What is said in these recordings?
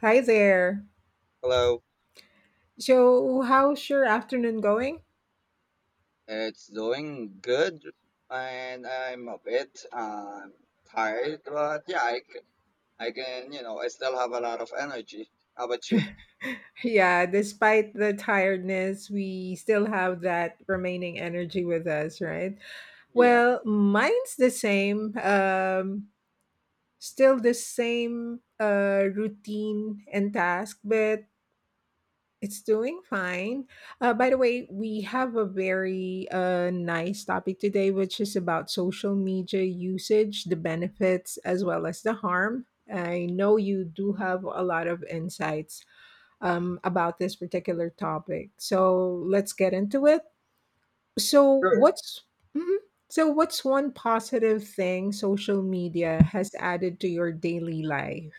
Hi there. Hello, So, how's your afternoon going? it's doing good, and I'm a bit tired, but yeah, I can, you know, I still have a lot of energy. How about you? Yeah, despite the tiredness, we still have that remaining energy with us, right? Yeah, Well, mine's the same. Still the same routine and task, but it's doing fine. By the way, we have a very nice topic today, which is about social media usage, the benefits as well as the harm. I know you do have a lot of insights about this particular topic. So let's get into it. So sure. what's Mhm. So what's one positive thing social media has added to your daily life?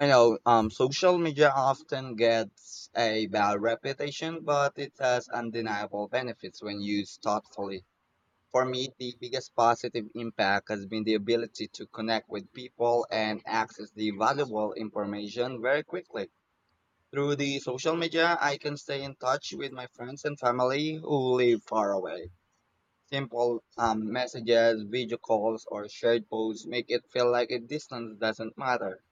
Social media often gets a bad reputation, but it has undeniable benefits when used thoughtfully. For me, the biggest positive impact has been the ability to connect with people and access the valuable information very quickly. Through the social media, I can stay in touch with my friends and family who live far away. Simple messages, video calls, or shared posts make it feel like a distance doesn't matter.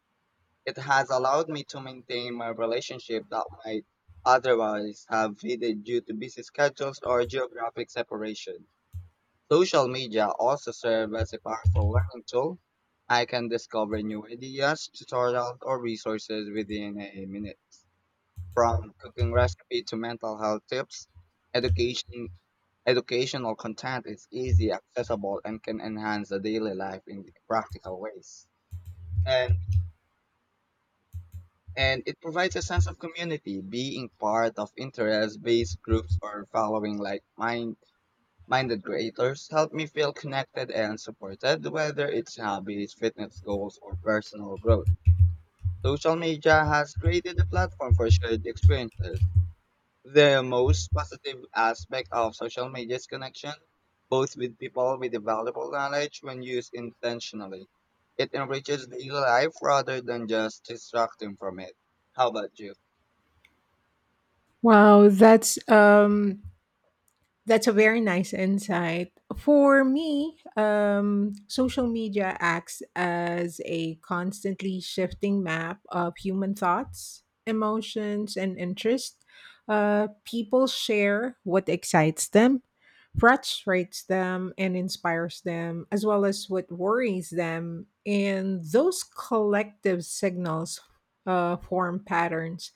It has allowed me to maintain my relationship that might otherwise have faded due to busy schedules or geographic separation. Social media also serves as a powerful learning tool. I can discover new ideas, tutorials, or resources within a minute, from cooking recipe to mental health tips, education educational content is easy, accessible, and can enhance the daily life in practical ways. And and it provides a sense of community, being part of interest-based groups or following minded creators help me feel connected and supported, whether it's hobbies, fitness goals, or personal growth. Social media has created a platform for shared experiences. The most positive aspect of social media is connection, both with people with the valuable knowledge when used intentionally. It enriches daily life rather than just distracting from it. How about you? Wow, that's a very nice insight. For me, social media acts as a constantly shifting map of human thoughts, emotions, and interests. People share what excites them, frustrates them, and inspires them, as well as what worries them. And those collective signals form patterns.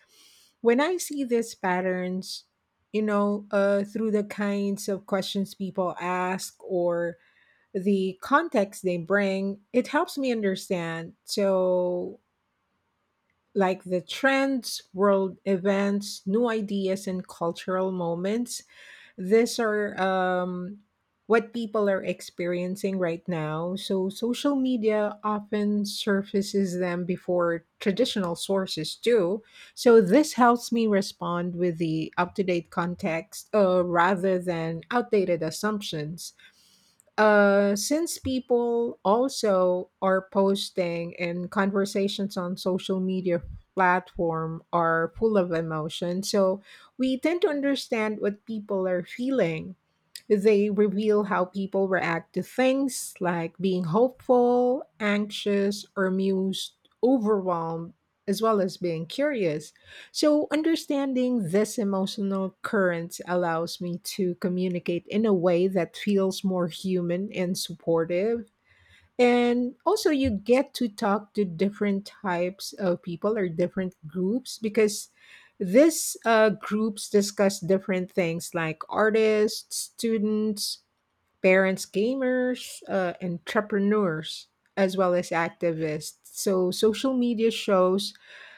When I see these patterns, through the kinds of questions people ask or the context they bring, it helps me understand. So, like the trends, world events, new ideas, and cultural moments, these are what people are experiencing right now. So social media often surfaces them before traditional sources do. So this helps me respond with the up to date context, rather than outdated assumptions, since people also are posting, and conversations on social media platform are full of emotion, so we tend to understand what people are feeling. They reveal how people react to things, like being hopeful, anxious, or amused, overwhelmed, as well as being curious. So, understanding this emotional current allows me to communicate in a way that feels more human and supportive. And also you get to talk to different types of people or different groups, because these groups discuss different things, like artists, students, parents, gamers, entrepreneurs, as well as activists. So social media shows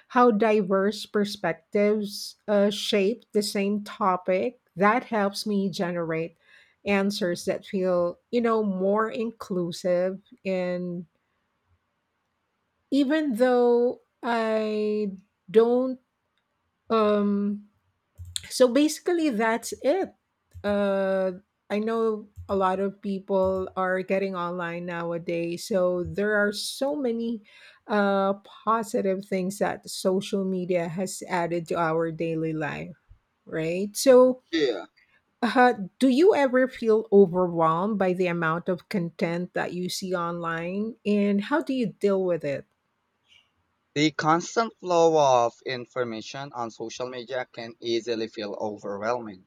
how diverse perspectives shape the same topic. That helps me generate answers that feel, you know, more inclusive. And even though I don't, um, so basically that's it. uh I know a lot of people are getting online nowadays, so there are so many uh positive things that social media has added to our daily life, right? so Yeah. uh, do you ever feel overwhelmed by the amount of content that you see online, and how do you deal with it? The constant flow of information on social media can easily feel overwhelming.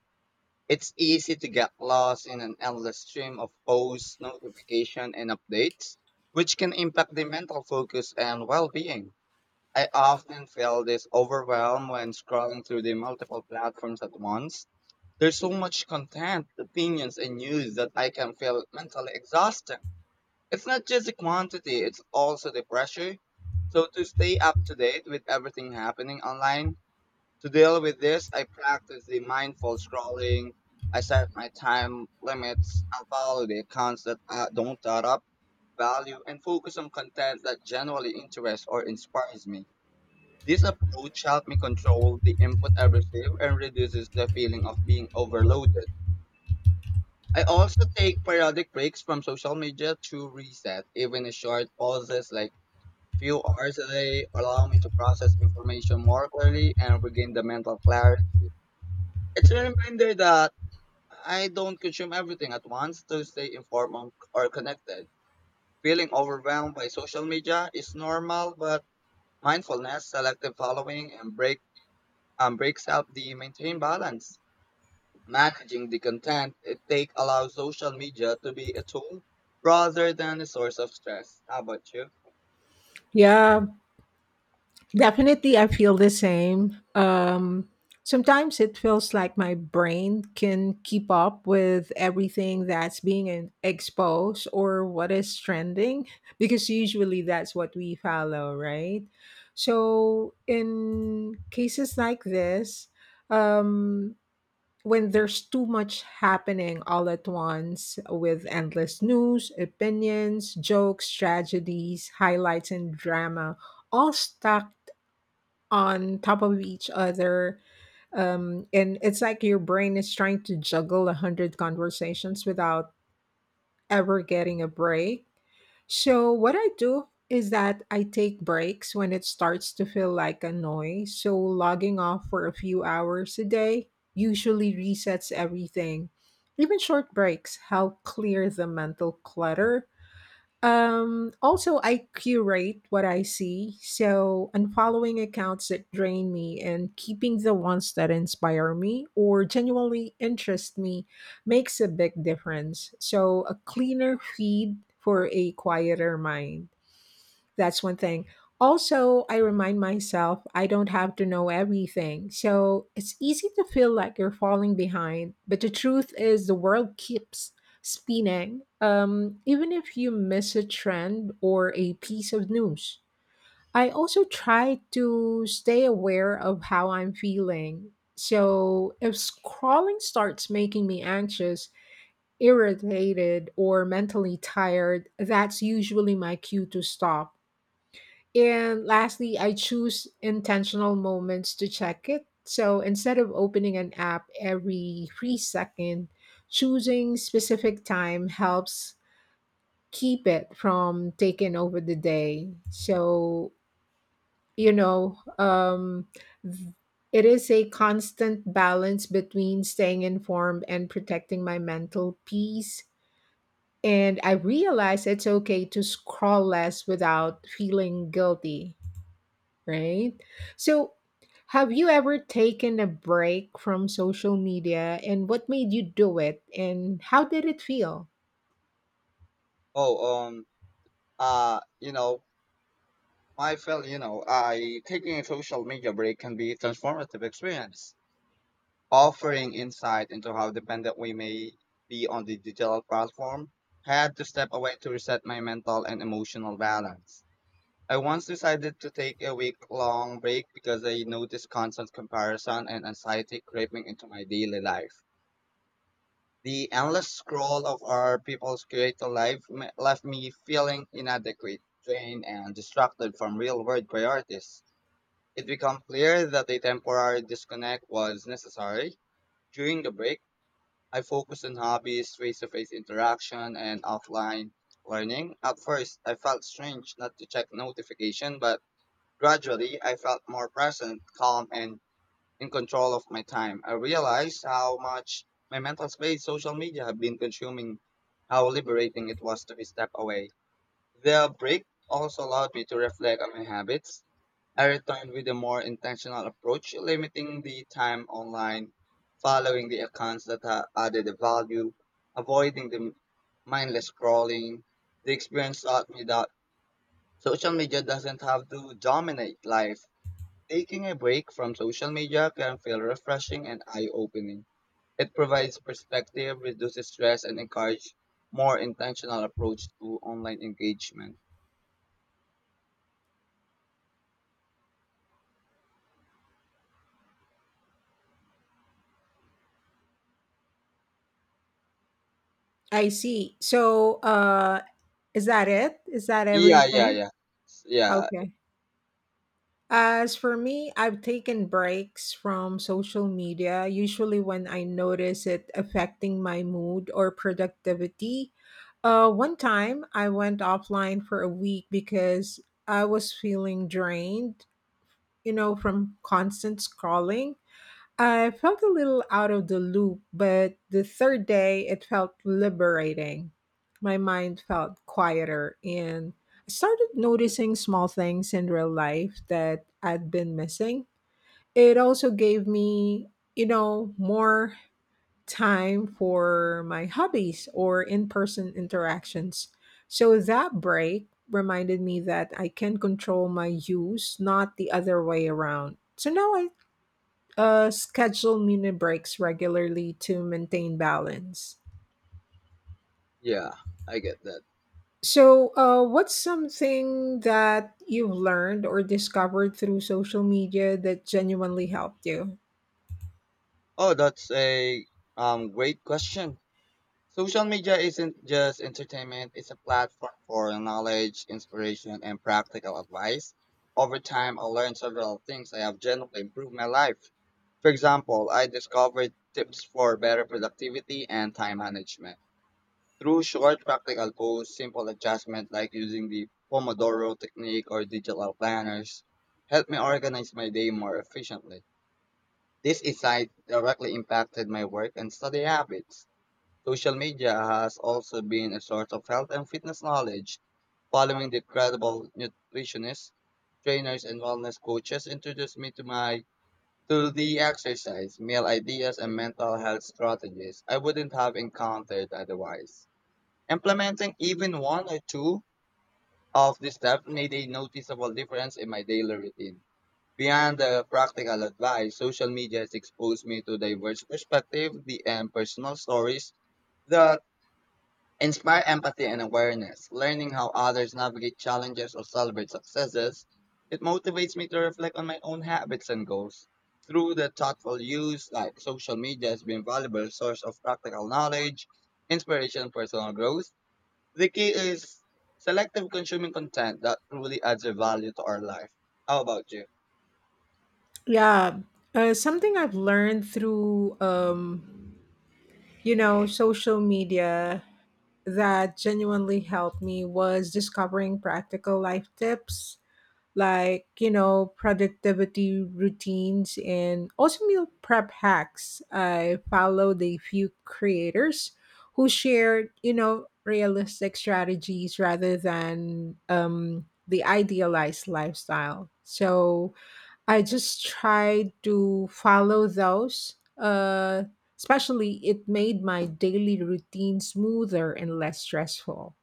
It's easy to get lost in an endless stream of posts, notifications, and updates, which can impact the mental focus and well being. I often feel this overwhelm when scrolling through the multiple platforms at once. There's so much content, opinions, and news that I can feel mentally exhausted. It's not just the quantity, it's also the pressure. So, to stay up to date with everything happening online, to deal with this, I practice the mindful scrolling. I set my time limits, I follow the accounts that don't add up value, and focus on content that genuinely interests or inspires me. This approach helped me control the input I receive and reduces the feeling of being overloaded. I also take periodic breaks from social media to reset. Even a short pauses like few hours a day allow me to process information more clearly and regain the mental clarity. It's a reminder that I don't consume everything at once to stay informed or connected. Feeling overwhelmed by social media is normal, but mindfulness, selective following, and breaks up the maintain balance. Managing the content it take allows social media to be a tool rather than a source of stress. How about you? Yeah, definitely, I feel the same. Sometimes it feels like my brain can keep up with everything that's being exposed or what is trending, because usually that's what we follow, right? So, in cases like this, um, when there's too much happening all at once with endless news, opinions, jokes, tragedies, highlights, and drama all stuck on top of each other. And it's like your brain is trying to juggle a hundred conversations without ever getting a break. So what I do is that I take breaks when it starts to feel like a noise. So logging off for a few hours a day usually resets everything. Even short breaks help clear the mental clutter. Also, I curate what I see. So, unfollowing accounts that drain me and keeping the ones that inspire me or genuinely interest me makes a big difference. So, a cleaner feed for a quieter mind. That's one thing. Also, I remind myself I don't have to know everything. So it's easy to feel like you're falling behind. But the truth is, the world keeps spinning, even if you miss a trend or a piece of news. I also try to stay aware of how I'm feeling. So if scrolling starts making me anxious, irritated, or mentally tired, that's usually my cue to stop. And lastly, I choose intentional moments to check it. So instead of opening an app every 3 seconds, choosing specific time helps keep it from taking over the day. So, you know, um, th- it is a constant balance between staying informed and protecting my mental peace. And I realize it's okay to scroll less without feeling guilty, right? So, have you ever taken a break from social media, and what made you do it and how did it feel? Oh, um, uh, you know, I felt, you know, I taking a social media break can be a transformative experience, offering insight into how dependent we may be on the digital platform. Had to step away to reset my mental and emotional balance. I once decided to take a week long break because I noticed constant comparison and anxiety creeping into my daily life. The endless scroll of our people's creative left me feeling inadequate, drained, and distracted from real world priorities. It became clear that a temporary disconnect was necessary. During the break, I focused on hobbies, face to face interaction, and offline learning. At first, I felt strange not to check notification, but gradually, I felt more present, calm, and in control of my time. I realized how much my mental space social media had been consuming, how liberating it was to step away. The break also allowed me to reflect on my habits. I returned with a more intentional approach, limiting the time online, following the accounts that added a value, avoiding the mindless scrolling. The experience taught me that social media doesn't have to dominate life. Taking a break from social media can feel refreshing and eye opening. It provides perspective, reduces stress, and encourages more intentional approach to online engagement. I see. So, is that it? Is that Yeah, yeah, everything? yeah. S- Yeah, Okay. As for me, I've taken breaks from social media, usually when I notice it affecting my mood or productivity. One time I went offline for a week because I was feeling drained, you know, from constant scrolling. I felt a little out of the loop, but the third day it felt liberating. My mind felt quieter and I started noticing small things in real life that I'd been missing. It also gave me, you know, more time for my hobbies or in person interactions. So that break reminded me that I can control my use, not the other way around. So now I schedule mini breaks regularly to maintain balance. yeah, I get that. So, what's something that you've learned or discovered through social media that genuinely helped you? Oh, that's a great question. Social media isn't just entertainment, it's a platform for knowledge, inspiration, and practical advice. Over time, I learned several things that have genuinely improved my life. For example, I discovered tips for better productivity and time management. Through short practical posts, simple adjustments like using the Pomodoro technique or digital planners helped me organize my day more efficiently. This insight directly impacted my work and study habits. Social media has also been a source of health and fitness knowledge, following the credible nutritionists, trainers, and wellness coaches introduced me to my to the exercise, meal ideas, and mental health strategies I wouldn't have encountered otherwise. Implementing even one or two of these steps made a noticeable difference in my daily routine. Beyond the practical advice, social media has exposed me to diverse perspectives and personal stories that inspire empathy and awareness, learning how others navigate challenges or celebrate successes. It motivates me to reflect on my own habits and goals. Through the thoughtful use, like social media has been a valuable source of practical knowledge, inspiration, and personal growth. The key is selective consuming content that truly adds a value to our life. How about you? Yeah, something I've learned through, you know, social media that genuinely helped me was discovering practical life tips, like, you know, productivity routines and also meal prep hacks. I followed a few creators who shared, you know, realistic strategies rather than the idealized lifestyle, so I just try to follow those. Especially, it made my daily routine smoother and less stressful.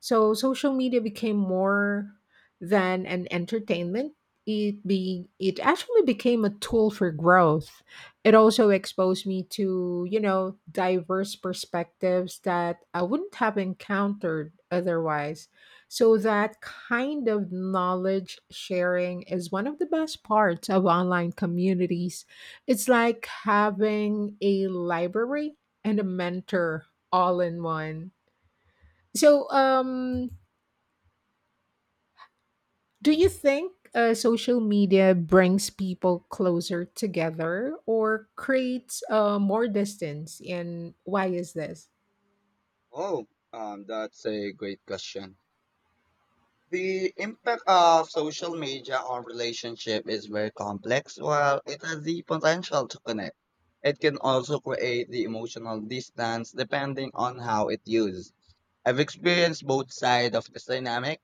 So social media became more than an entertainment. It actually became a tool for growth. It also exposed me to, you know, diverse perspectives that I wouldn't have encountered otherwise. So that kind of knowledge sharing is one of the best parts of online communities. It's like having a library and a mentor all in one. So, do you think social media brings people closer together or creates more distance? And why is this? Oh, that's a great question. The impact of social media on relationship is very complex. While it has the potential to connect, it can also create the emotional distance depending on how it's used. I've experienced both sides of this dynamic.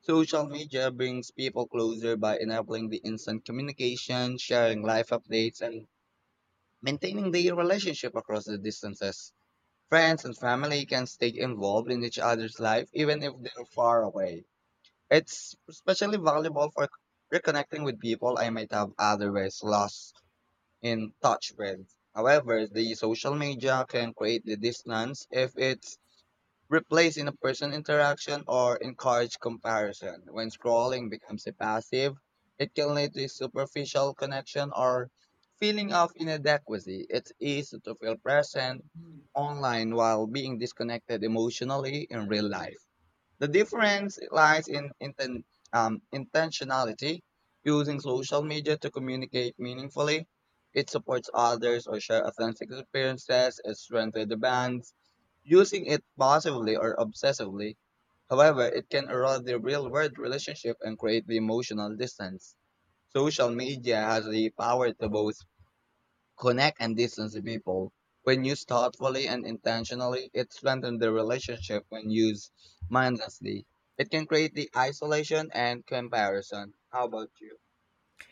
Social media brings people closer by enabling the instant communication, sharing life updates, and maintaining their relationship across the distances. Friends and family can stay involved in each other's life even if they're far away. It's especially valuable for reconnecting with people I might have otherwise lost in touch with. However, the social media can create the distance if it's replaced in a person interaction or encourage comparison. When scrolling becomes a passive, it can lead to superficial connection or feeling of inadequacy. It's easy to feel present online while being disconnected emotionally in real life. The difference lies in intentionality, using social media to communicate meaningfully. It supports others or share authentic experiences, it strengthens the bonds. Using it positively or obsessively, however, it can erode the real world relationship and create the emotional distance. Social media has the power to both connect and distance the people. When used thoughtfully and intentionally, it strengthens the relationship when used mindlessly. It can create the isolation and comparison. How about you?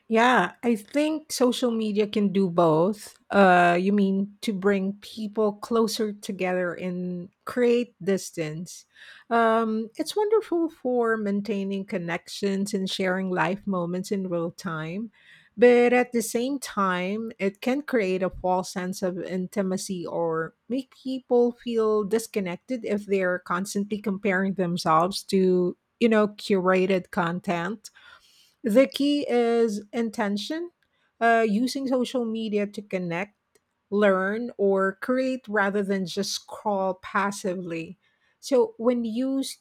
Yeah, I think social media can do both. You mean to bring people closer together and create distance. It's wonderful for maintaining connections and sharing life moments in real time. But at the same time, it can create a false sense of intimacy or make people feel disconnected if they're constantly comparing themselves to, you know, curated content. The key is intention, using social media to connect, learn, or create rather than just scroll passively. So, when used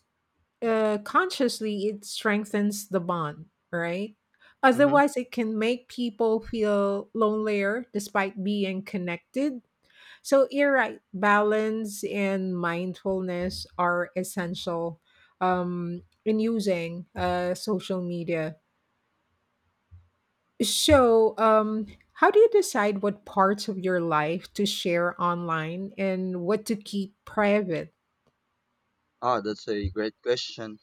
consciously, it strengthens the bond, right? Mm-hmm. Otherwise, it can make people feel lonelier despite being connected. So, you're right, balance and mindfulness are essential in using social media. So, how do you decide what parts of your life to share online and what to keep private? Oh, that's a great question.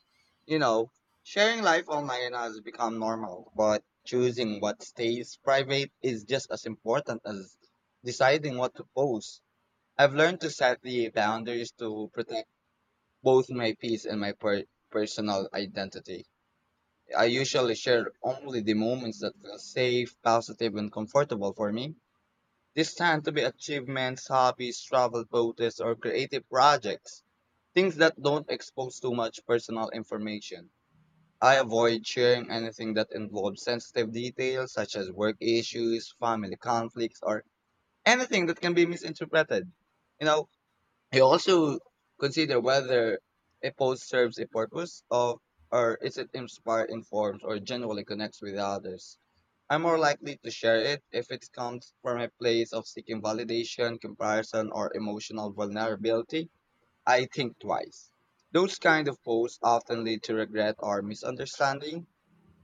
You know, sharing life online has become normal, but choosing what stays private is just as important as deciding what to post. I've learned to set the boundaries to protect both my peace and my personal identity. I usually share only the moments that feel safe, positive, and comfortable for me. These tend to be achievements, hobbies, travel photos, or creative projects, things that don't expose too much personal information. I avoid sharing anything that involves sensitive details such as work issues, family conflicts, or anything that can be misinterpreted. You know, I also consider whether a post serves a purpose of or is it inspired, informs, or genuinely connects with others. I'm more likely to share it if it comes from a place of seeking validation, comparison, or emotional vulnerability. I think twice. Those kind of posts often lead to regret or misunderstanding.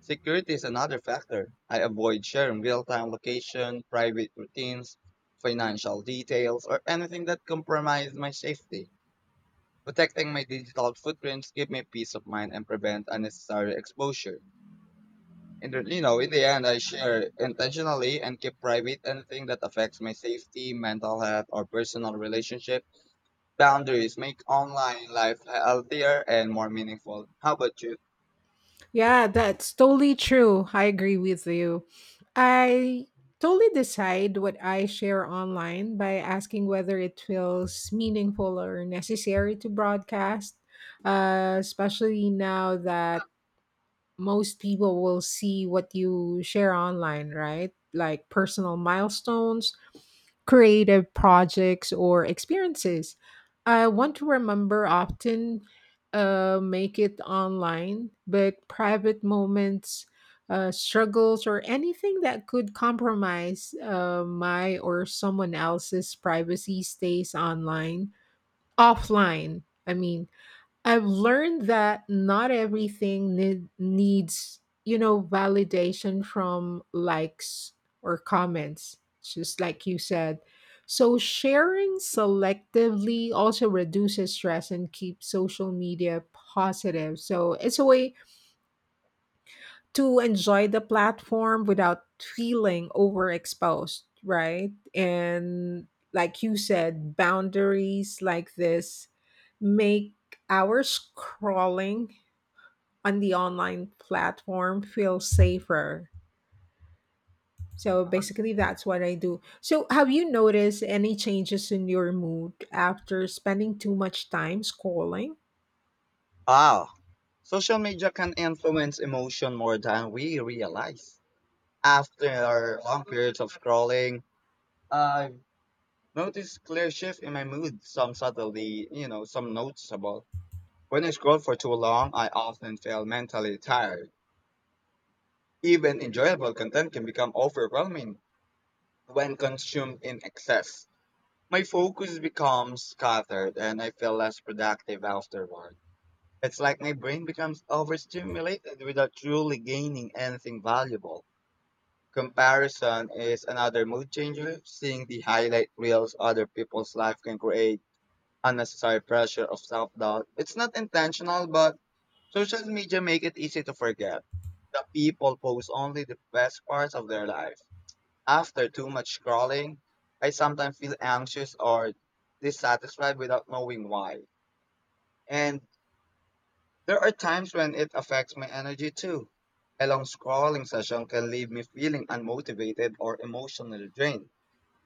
Security is another factor. I avoid sharing real-time location, private routines, financial details, or anything that compromises my safety, protecting my digital footprints give me peace of mind and prevent unnecessary exposure. And you know, in the end, I share intentionally and keep private anything that affects my safety, mental health, or personal relationship. Boundaries make online life healthier and more meaningful. How about you? Yeah, that's totally true. I agree with you. I totally decide what I share online by asking whether it feels meaningful or necessary to broadcast, especially now that most people will see what you share online, right? Like personal milestones, creative projects, or experiences I want to remember often make it online, but private moments, struggles, or anything that could compromise my or someone else's privacy stays online. Offline, I mean. I've learned that not everything needs, you know, validation from likes or comments, just like you said. So sharing selectively also reduces stress and keeps social media positive. So it's a way to enjoy the platform without feeling overexposed, right? And like you said, boundaries like this make our scrolling on the online platform feels safer. So Uh-huh. basically, that's what I do. So, have you noticed any changes in your mood after spending too much time scrolling? Ah, Social media can influence emotion more than we realize. After long periods of scrolling, I've noticed clear shift in my mood, some subtly, you know, some noticeable. When I scroll for too long, I often feel mentally tired. Even enjoyable content can become overwhelming when consumed in excess. My focus becomes scattered and I feel less productive afterward. It's like my brain becomes overstimulated without truly gaining anything valuable. Comparison is another mood changer. Seeing the highlight reels other people's life can create unnecessary pressure of self doubt. It's not intentional, but social media make it easy to forget that people post only the best parts of their life. After too much scrolling, I sometimes feel anxious or dissatisfied without knowing why. And there are times when it affects my energy too. A long scrolling session can leave me feeling unmotivated or emotionally drained,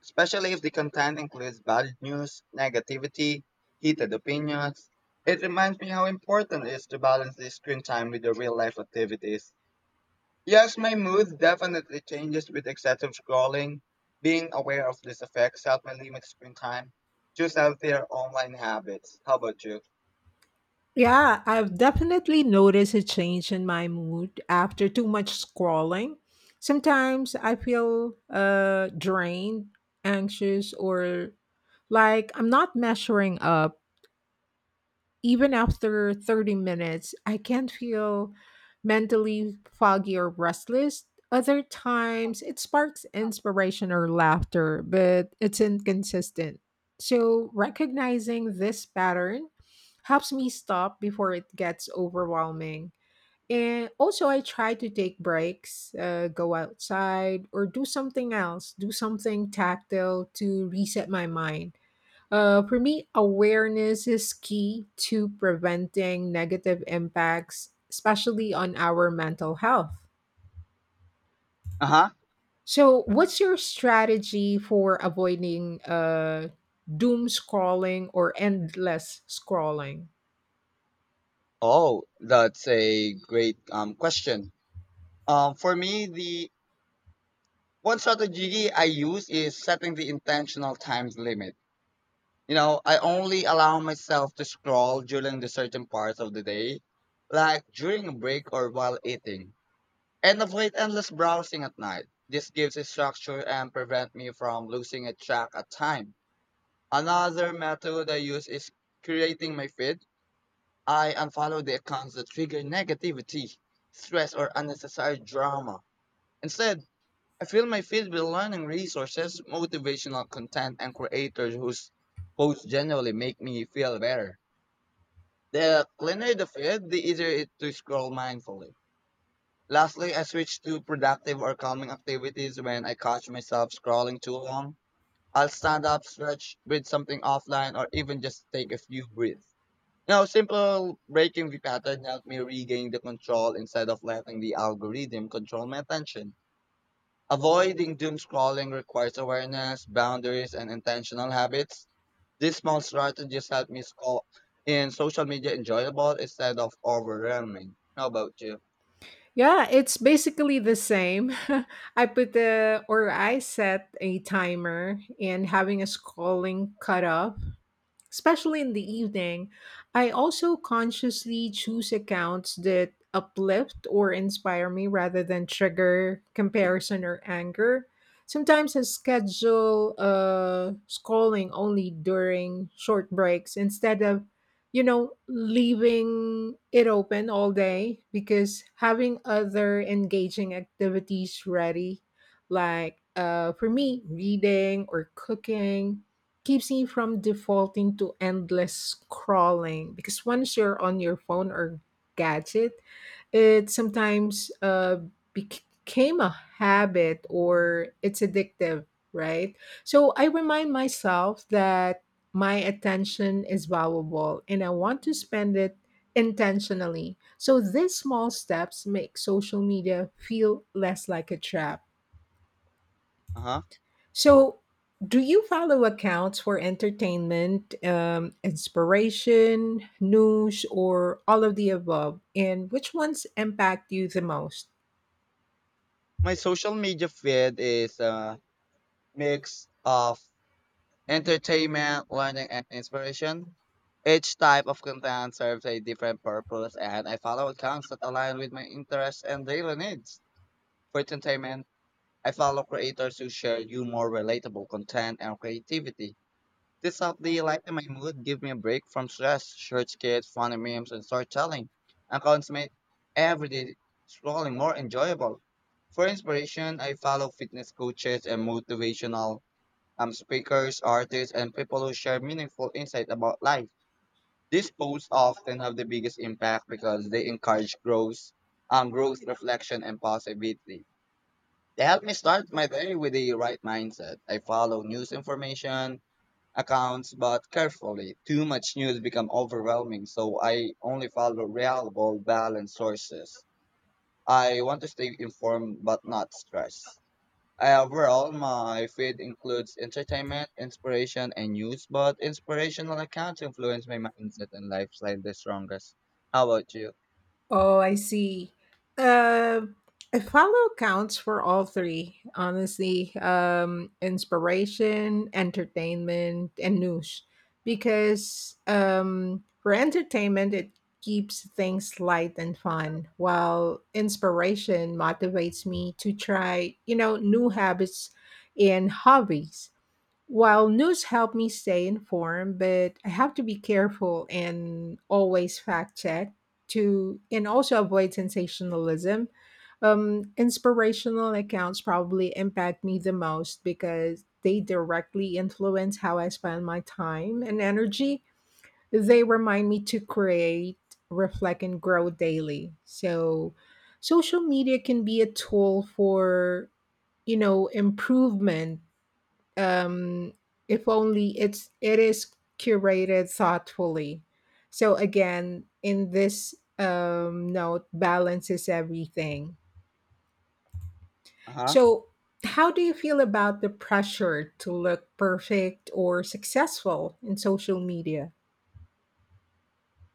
especially if the content includes bad news, negativity, heated opinions. It reminds me how important it is to balance the screen time with the real life activities. Yes, my mood definitely changes with excessive scrolling. Being aware of these effects help me limit screen time. Choose healthier online habits. How about you? Yeah, I've definitely noticed a change in my mood after too much scrolling. Sometimes I feel drained, anxious, or like I'm not measuring up. Even after 30 minutes, I can feel mentally foggy or restless. Other times, it sparks inspiration or laughter, but it's inconsistent. So, recognizing this pattern helps me stop before it gets overwhelming. And also, I try to take breaks, go outside, or do something else, do something tactile to reset my mind. For me, awareness is key to preventing negative impacts, especially on our mental health. Uh huh. So, what's your strategy for avoiding doom scrolling or endless scrolling? Oh, that's a great question. For me, the one strategy I use is setting the intentional times limit. You know, I only allow myself to scroll during the certain parts of the day, like during a break or while eating. And avoid endless browsing at night. This gives a structure and prevent me from losing a track at time. Another method I use is creating my feed. I unfollow the accounts that trigger negativity, stress, or unnecessary drama. Instead, I fill my feed with learning resources, motivational content, and creators whose posts generally make me feel better. The cleaner the feed, the easier it to scroll mindfully. Lastly, I switch to productive or calming activities when I catch myself scrolling too long. I'll stand up, stretch, read something offline, or even just take a few breaths. You know, simple breaking the pattern helped me regain the control instead of letting the algorithm control my attention. Avoiding doom scrolling requires awareness, boundaries, and intentional habits. These small strategies help me score in social media enjoyable instead of overwhelming. How about you? Yeah, it's basically the same. I put the or I set a timer and having a scrolling cutoff, especially in the evening. I also consciously choose accounts that uplift or inspire me rather than trigger comparison or anger. Sometimes I schedule scrolling only during short breaks instead of, you know, leaving it open all day, because having other engaging activities ready, like for me, reading or cooking, keeps me from defaulting to endless scrolling. Because once you're on your phone or gadget, it sometimes became a habit or it's addictive, right? So I remind myself that my attention is valuable and I want to spend it intentionally. So these small steps make social media feel less like a trap. Uh huh. So, do you follow accounts for entertainment, inspiration, news, or all of the above? And which ones impact you the most? My social media feed is a mix of entertainment, learning, and inspiration. Each type of content serves a different purpose, and I follow accounts that align with my interests and daily needs. For entertainment, I follow creators who share humor, relatable content, and creativity. This subtly lightened my mood, gave me a break from stress, short skits, funny memes, and storytelling, and accounts made everyday scrolling more enjoyable. For inspiration, I follow fitness coaches and motivational speakers, artists, and people who share meaningful insight about life. These posts often have the biggest impact because they encourage growth, growth, reflection, and positivity. They help me start my day with the right mindset. I follow news information, accounts, but carefully. Too much news become overwhelming, so I only follow reliable, balanced sources. I want to stay informed but not stressed. Overall, my feed includes entertainment, inspiration, and news, but inspirational accounts influence my mindset and lifestyle the strongest. How about you? Oh, I see. Uh, I follow accounts for all three, honestly. Inspiration, entertainment, and news. Because for entertainment, it keeps things light and fun, while inspiration motivates me to try, you know, new habits and hobbies. While news help me stay informed, but I have to be careful and always fact check to and also avoid sensationalism. Inspirational accounts probably impact me the most because they directly influence how I spend my time and energy. They remind me to create, reflect, and grow daily. So, social media can be a tool for, you know, improvement, um, if only it is curated thoughtfully. So again, in this note, balance is everything. Uh huh. So how do you feel about the pressure to look perfect or successful in social media?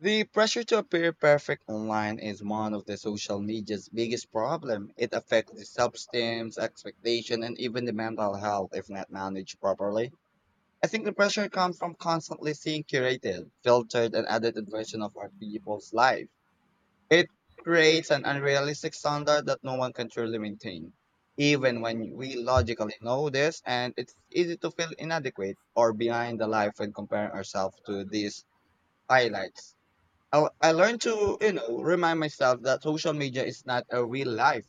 The pressure to appear perfect online is one of the social media's biggest problem. It affects the self-esteem, expectation, and even the mental health if not managed properly. I think the pressure comes from constantly seeing curated, filtered, and edited version of our people's life. It creates an unrealistic standard that no one can truly maintain. Even when we logically know this, and it's easy to feel inadequate or behind the life when comparing ourselves to these highlights. I learned to, you know, remind myself that social media is not a real life.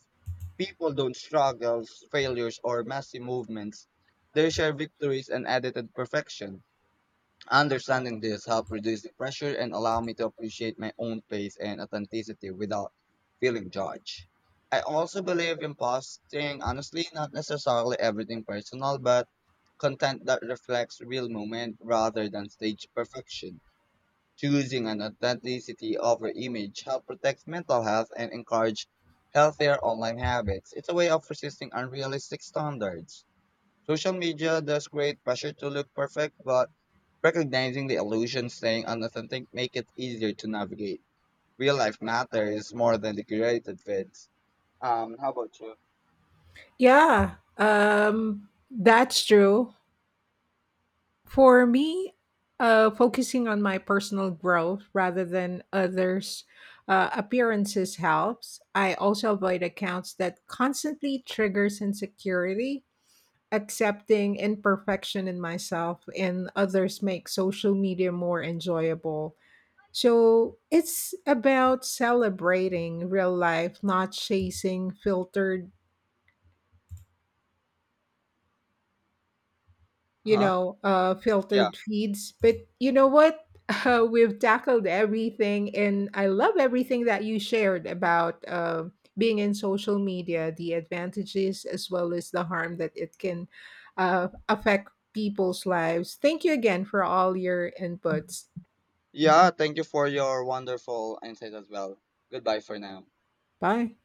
People don't struggle, failures, or messy movements. They share victories and edited perfection. Understanding this helped reduce the pressure and allow me to appreciate my own pace and authenticity without feeling judged. I also believe in posting, honestly, not necessarily everything personal, but content that reflects real moment rather than stage perfection. Choosing an authenticity over image helps protect mental health and encourage healthier online habits. It's a way of resisting unrealistic standards. Social media does create pressure to look perfect, but recognizing the illusion staying unauthentic make it easier to navigate. Real life matters more than the curated feeds. How about you? Yeah, that's true. For me, focusing on my personal growth rather than others' appearances helps. I also avoid accounts that constantly triggers insecurity. Accepting imperfection in myself and others make social media more enjoyable. So it's about celebrating real life, not chasing filtered, Huh? Yeah. filtered feeds. But you know what? We've tackled everything, and I love everything that you shared about being in social media, the advantages as well as the harm that it can affect people's lives. Thank you again for all your inputs. Yeah, thank you for your wonderful insight as well. Goodbye for now. Bye.